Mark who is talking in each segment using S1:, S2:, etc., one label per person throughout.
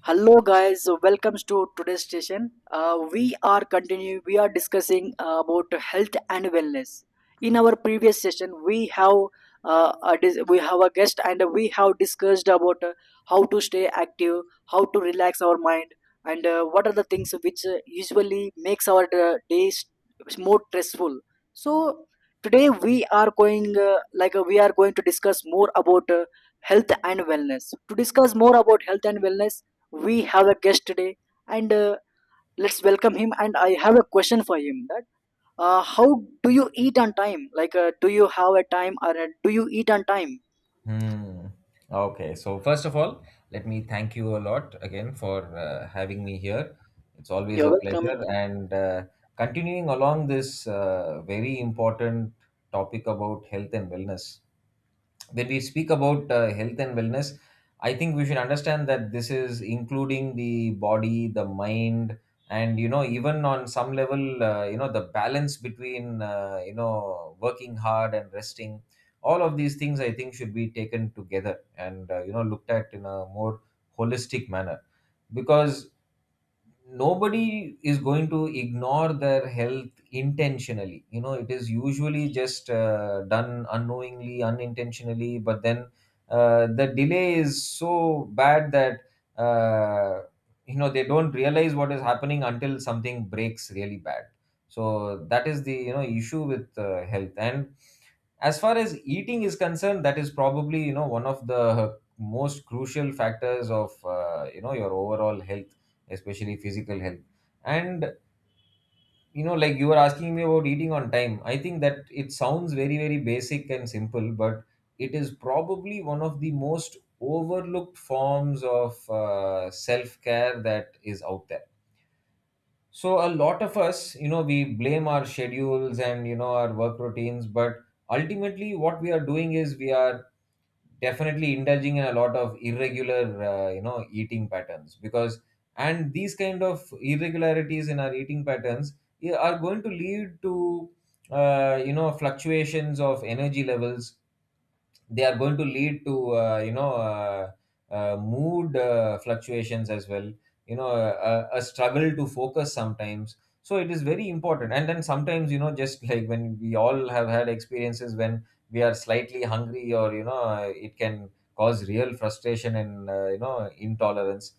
S1: Hello guys, so welcomes to today's session. We are continuing. We are discussing about health and wellness. In our previous session, we have we have a guest and we have discussed about how to stay active, how to relax our mind, and what are the things which usually makes our days more stressful. So today we are going we are going to discuss more about health and wellness. To discuss more about health and wellness we have a guest today and let's welcome him, and I have a question for him that how do you eat on time, like do you have a time, or do you eat on time?
S2: Hmm. Okay. So first of all, let me thank you a lot again for having me here. It's always
S1: You're
S2: a
S1: welcome.
S2: pleasure. And Continuing along this very important topic about health and wellness, when we speak about health and wellness, I think we should understand that this is including the body, the mind, and you know, even on some level, you know, the balance between, you know, working hard and resting. All of these things I think should be taken together and you know, looked at in a more holistic manner, because nobody is going to ignore their health intentionally. You know, it is usually just done unknowingly, unintentionally, but then the delay is so bad that uh, you know, they don't realize what is happening until something breaks really bad. So that is the, you know, issue with health. And as far as eating is concerned, that is probably, you know, one of the most crucial factors of you know, your overall health, especially physical health. And you know, like you were asking me about eating on time, I think that it sounds very very basic and simple, but it is probably one of the most overlooked forms of self care that is out there. So a lot of us, you know, we blame our schedules and, you know, our work routines, but ultimately what we are doing is we are definitely indulging in a lot of irregular, you know, eating patterns because, and these kind of irregularities in our eating patterns are going to lead to, you know, fluctuations of energy levels. They are going to lead to mood fluctuations as well, you know, a struggle to focus sometimes. So it is very important. And then sometimes, you know, just like when we all have had experiences when we are slightly hungry, or you know, it can cause real frustration and you know, intolerance.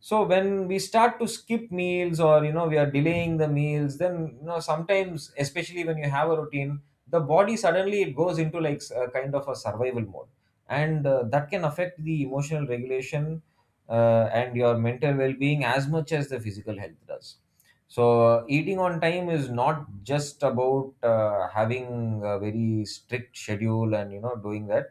S2: So when we start to skip meals, or you know, we are delaying the meals, then you know, sometimes, especially when you have a routine, the body suddenly it goes into like a kind of a survival mode, and that can affect the emotional regulation and your mental well-being as much as the physical health does. So eating on time is not just about having a very strict schedule and you know, doing that.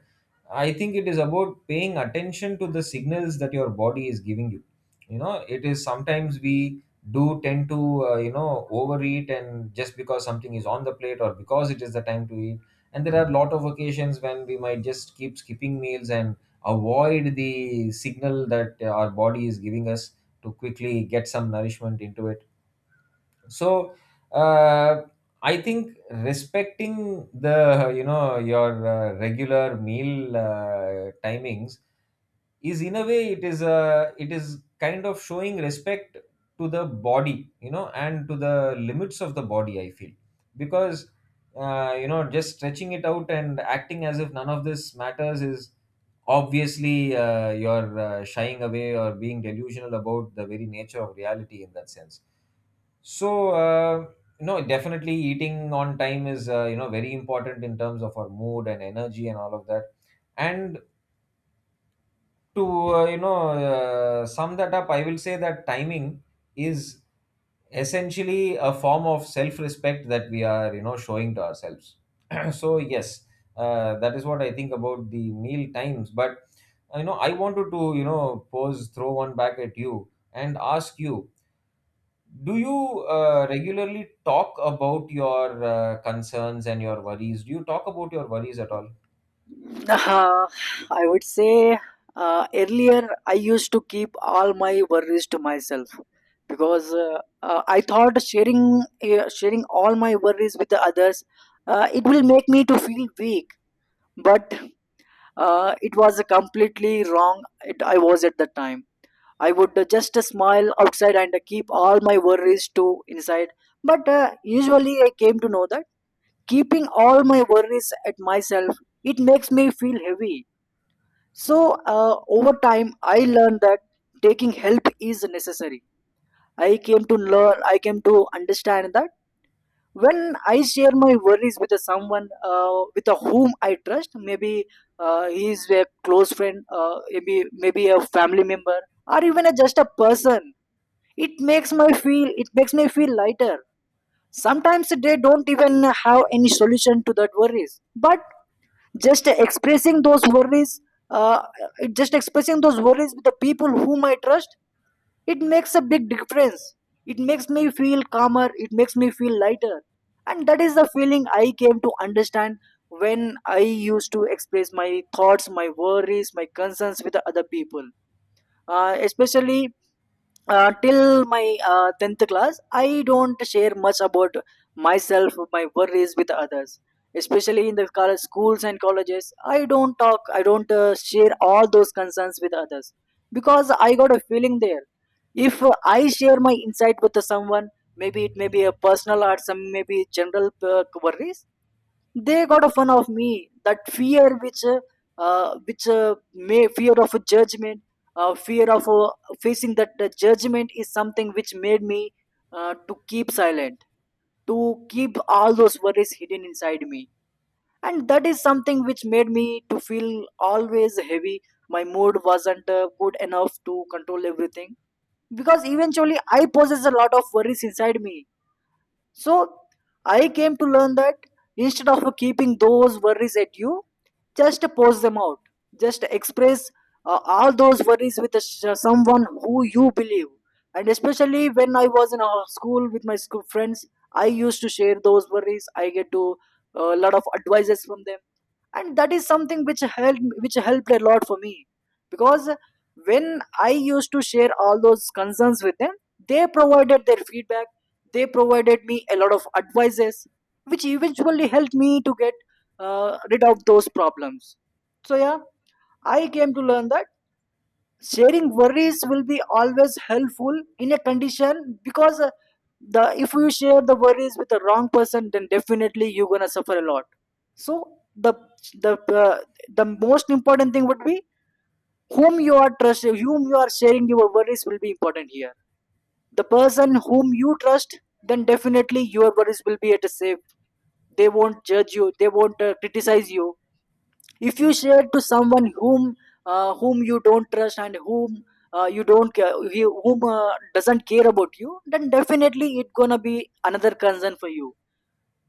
S2: I think it is about paying attention to the signals that your body is giving you. You know, it is, sometimes we do tend to you know, overeat, and just because something is on the plate or because it is the time to eat. And there are a lot of occasions when we might just keep skipping meals and avoid the signal that our body is giving us to quickly get some nourishment into it. So uh, I think respecting the, you know, your regular meal timings is, in a way, it is a, it is kind of showing respect to the body, you know, and to the limits of the body, I feel. Because you know, just stretching it out and acting as if none of this matters is obviously you're shying away or being delusional about the very nature of reality, in that sense. So, no, definitely eating on time is, you know, very important in terms of our mood and energy and all of that. And to, sum that up, I will say that timing is essentially a form of self respect that we are, you know, showing to ourselves. So, yes, that is what I think about the meal times. But, you know, I wanted to, you know, pose, throw one back at you and ask you, do you regularly talk about your concerns and your worries? Do you talk about your worries at all?
S1: uh, I would say earlier I used to keep all my worries to myself, because I thought sharing sharing all my worries with the others, it will make me to feel weak. But it was completely wrong. It, I was at the time I would just smile outside and keep all my worries to inside. But usually I came to know that keeping all my worries at myself, it makes me feel heavy. So over time, I learned that taking help is necessary. I came to learn, I came to understand that when I share my worries with someone with whom I trust, maybe he is a close friend, maybe a family member, or even a, just a person, it makes my feel, it makes me feel lighter. Sometimes they don't even have any solution to that worries, but just expressing those worries, uh, just expressing those worries with the people whom I trust, it makes a big difference. It makes me feel calmer. It makes me feel lighter, and that is the feeling I came to understand when I used to express my thoughts, my worries, my concerns with the other people, especially till my 10th class I don't share much about myself, my worries with others, especially in the college, schools and colleges. I don't talk, I don't share all those concerns with others, because I got a feeling there if I share my insight with someone, maybe it may be a personal or some maybe general worries, they got a fun of me. That fear which may fear of judgment, fear of facing that judgment, is something which made me to keep silent, to keep all those worries hidden inside me, and that is something which made me to feel always heavy. My mood wasn't good enough to control everything, because eventually I possess a lot of worries inside me. So I came to learn that instead of keeping those worries at you, just pose them out. Just express all those worries with a, someone who you believe. And especially when I was in a school with my school friends, I used to share those worries. I get to a lot of advices from them, and that is something which helped, which helped a lot for me, because when I used to share all those concerns with them, they provided their feedback, they provided me a lot of advices, which eventually helped me to get rid of those problems. So yeah, I came to learn that sharing worries will be always helpful in a condition, because the if you share the worries with the wrong person then definitely you're gonna suffer a lot. So the the uh, the most important thing would be whom you are trusting, whom you are sharing your worries will be important here. The person whom you trust, then definitely your worries will be at a safe. They won't judge you, they won't criticize you. If you share to someone whom whom you don't trust and whom you don't care, whom doesn't care about you, then definitely it's gonna be another concern for you,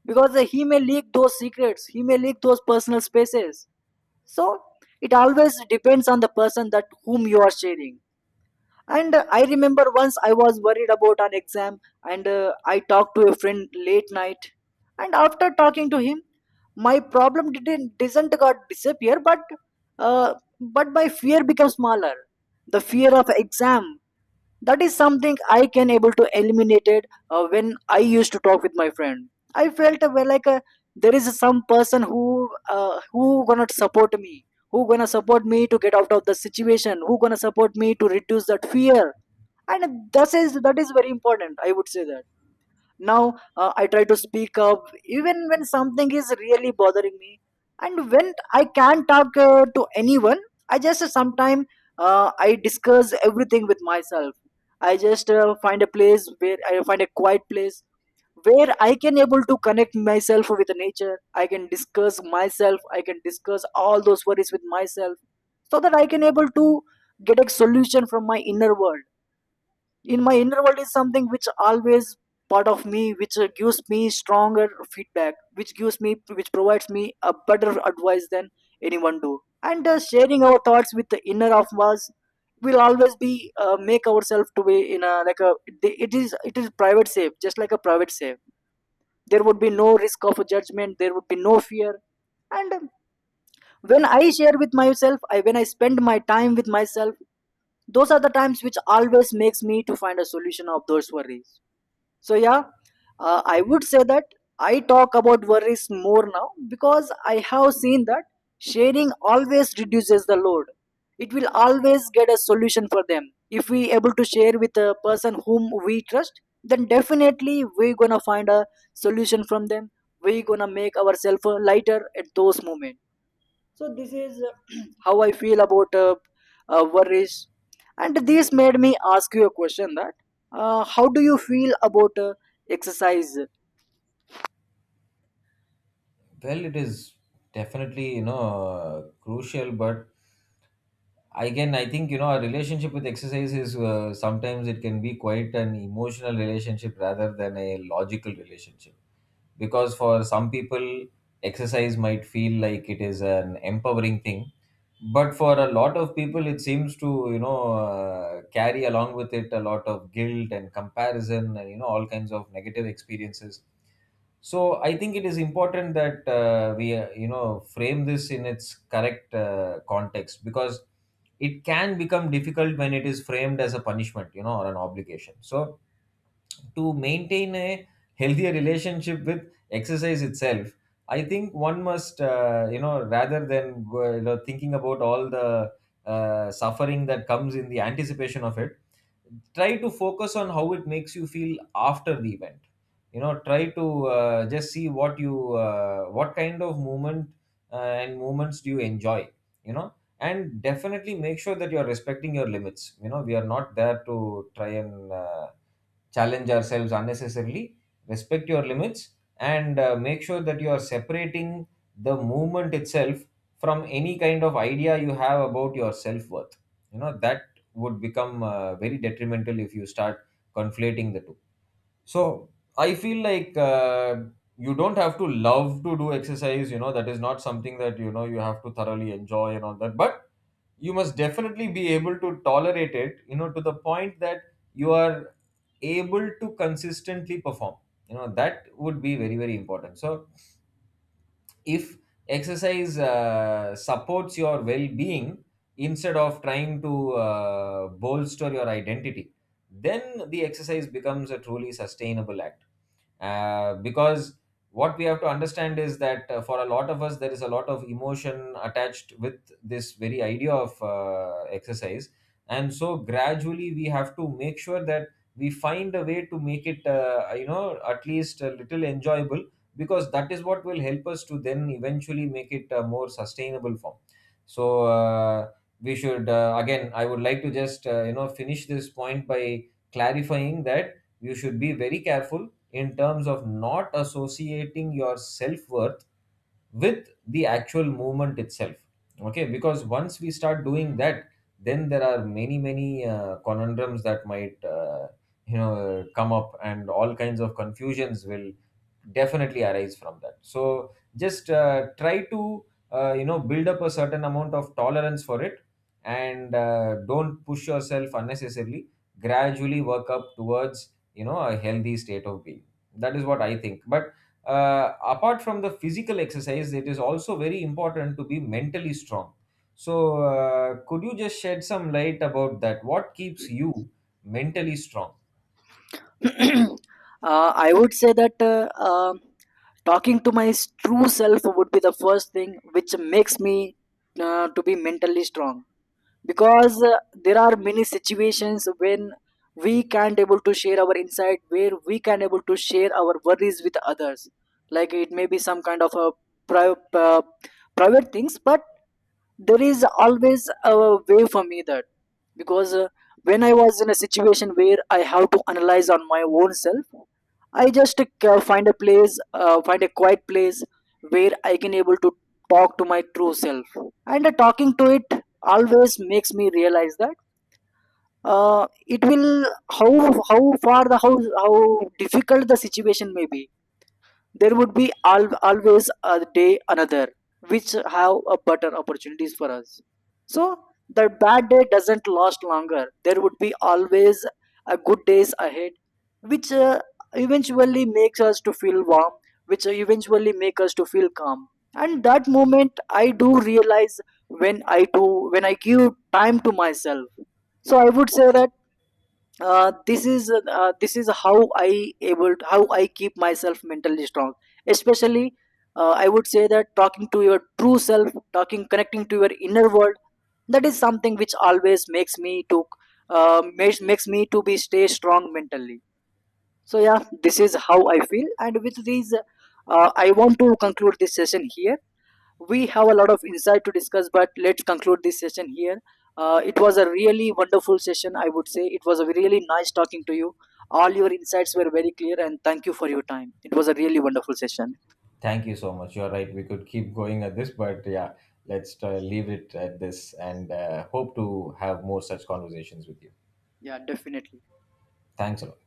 S1: because he may leak those secrets, he may leak those personal spaces. So it always depends on the person that whom you are sharing. And I remember once I was worried about an exam, and I talked to a friend late night. And after talking to him, my problem didn't doesn't got disappear, but uh, my fear becomes smaller. The fear of exam, that is something I can able to eliminate it when I used to talk with my friend. I felt well, like there is some person who gonna support me, who gonna support me to get out of the situation, who gonna support me to reduce that fear. And that is, that is very important, I would say that. Now I try to speak up even when something is really bothering me. And when I can't talk to anyone, I just sometimes I discuss everything with myself. I just find a place where I find a quiet place where I can able to connect myself with the nature. I can discuss myself, I can discuss all those worries with myself, so that I can able to get a solution from my inner world. In my inner world is something which always part of me, which gives me stronger feedback, which gives me, which provides me a better advice than anyone do. And sharing our thoughts with the inner of us will always be make ourselves to be in a like a, it is, it is private safe, just like a private safe. There would be no risk of a judgment, there would be no fear. And when I share with myself, I when I spend my time with myself, those are the times which always makes me to find a solution of those worries. So yeah, I would say that I talk about worries more now, because I have seen that sharing always reduces the load. It will always get a solution for them. If we able to share with a person whom we trust, then definitely we gonna find a solution from them. We gonna make ourselves lighter at those moments. So this is how I feel about worries. And this made me ask you a question that how do you feel about exercise?
S2: Well, it is definitely, you know, crucial, but again, I think, you know, a relationship with exercise is, sometimes it can be quite an emotional relationship rather than a logical relationship. Because for some people exercise might feel like it is an empowering thing, but for a lot of people it seems to, you know, carry along with it a lot of guilt and comparison, and you know, all kinds of negative experiences. So I think it is important that we you know, frame this in its correct context, because it can become difficult when it is framed as a punishment, you know, or an obligation. So to maintain a healthier relationship with exercise itself, I think one must you know, rather than you know, thinking about all the suffering that comes in the anticipation of it, try to focus on how it makes you feel after the event. You know, try to just see what you what kind of movement and movements do you enjoy, you know. And definitely make sure that you are respecting your limits. You know, we are not there to try and challenge ourselves unnecessarily, respect your limits, and make sure that you are separating the movement itself from any kind of idea you have about your self worth. You know, that would become very detrimental if you start conflating the two. So, I feel like you don't have to love to do exercise, you know, that is not something that, you know, you have to thoroughly enjoy and all that. But you must definitely be able to tolerate it, you know, to the point that you are able to consistently perform, you know, that would be very very important. So if exercise supports your well-being instead of trying to bolster your identity, then the exercise becomes a truly sustainable activity. Because what we have to understand is that for a lot of us there is a lot of emotion attached with this very idea of exercise, and so gradually we have to make sure that we find a way to make it you know, at least a little enjoyable, because that is what will help us to then eventually make it a more sustainable form. So we should again, I would like to just you know, finish this point by clarifying that you should be very careful in terms of not associating your self-worth with the actual movement itself, okay? Because once we start doing that, then there are many many conundrums that might you know, come up, and all kinds of confusions will definitely arise from that. So just try to you know, build up a certain amount of tolerance for it, and don't push yourself unnecessarily. Gradually work up towards, you know, a healthy state of being. That is what I think. But apart from the physical exercise, it is also very important to be mentally strong. So could you just shed some light about that, what keeps you mentally strong?
S1: I would say that talking to my true self would be the first thing which makes me to be mentally strong. Because there are many situations when we can't able to share our insight, where we can able to share our worries with others, like it may be some kind of a private private things. But there is always a way for me that, because when I was in a situation where I have to analyze on my own self, I just find a quiet place where I can able to talk to my true self. And talking to it always makes me realize that it will how how far the how difficult the situation may be, there would be always a day another, which have a better opportunities for us. So the bad day doesn't last longer. There would be always a good days ahead, which eventually makes us to feel warm, which eventually make us to feel calm. And that moment, I do realize when I do, when I give time to myself. So I would say that this is how I able to, how I keep myself mentally strong. Especially, I would say that talking to your true self, talking connecting to your inner world, that is something which always makes me to makes me to be stay strong mentally. So yeah, this is how I feel, and with these, I want to conclude this session here. We have a lot of insight to discuss, but let's conclude this session here. It was a really wonderful session, I would say. It was a really nice talking to you, all your insights were very clear, and thank you for your time. It was a really wonderful session.
S2: Thank you so much. You're right. We could keep going at this, but yeah, let's leave it at this and hope to have more such conversations with you.
S1: Yeah, definitely.
S2: Thanks a lot.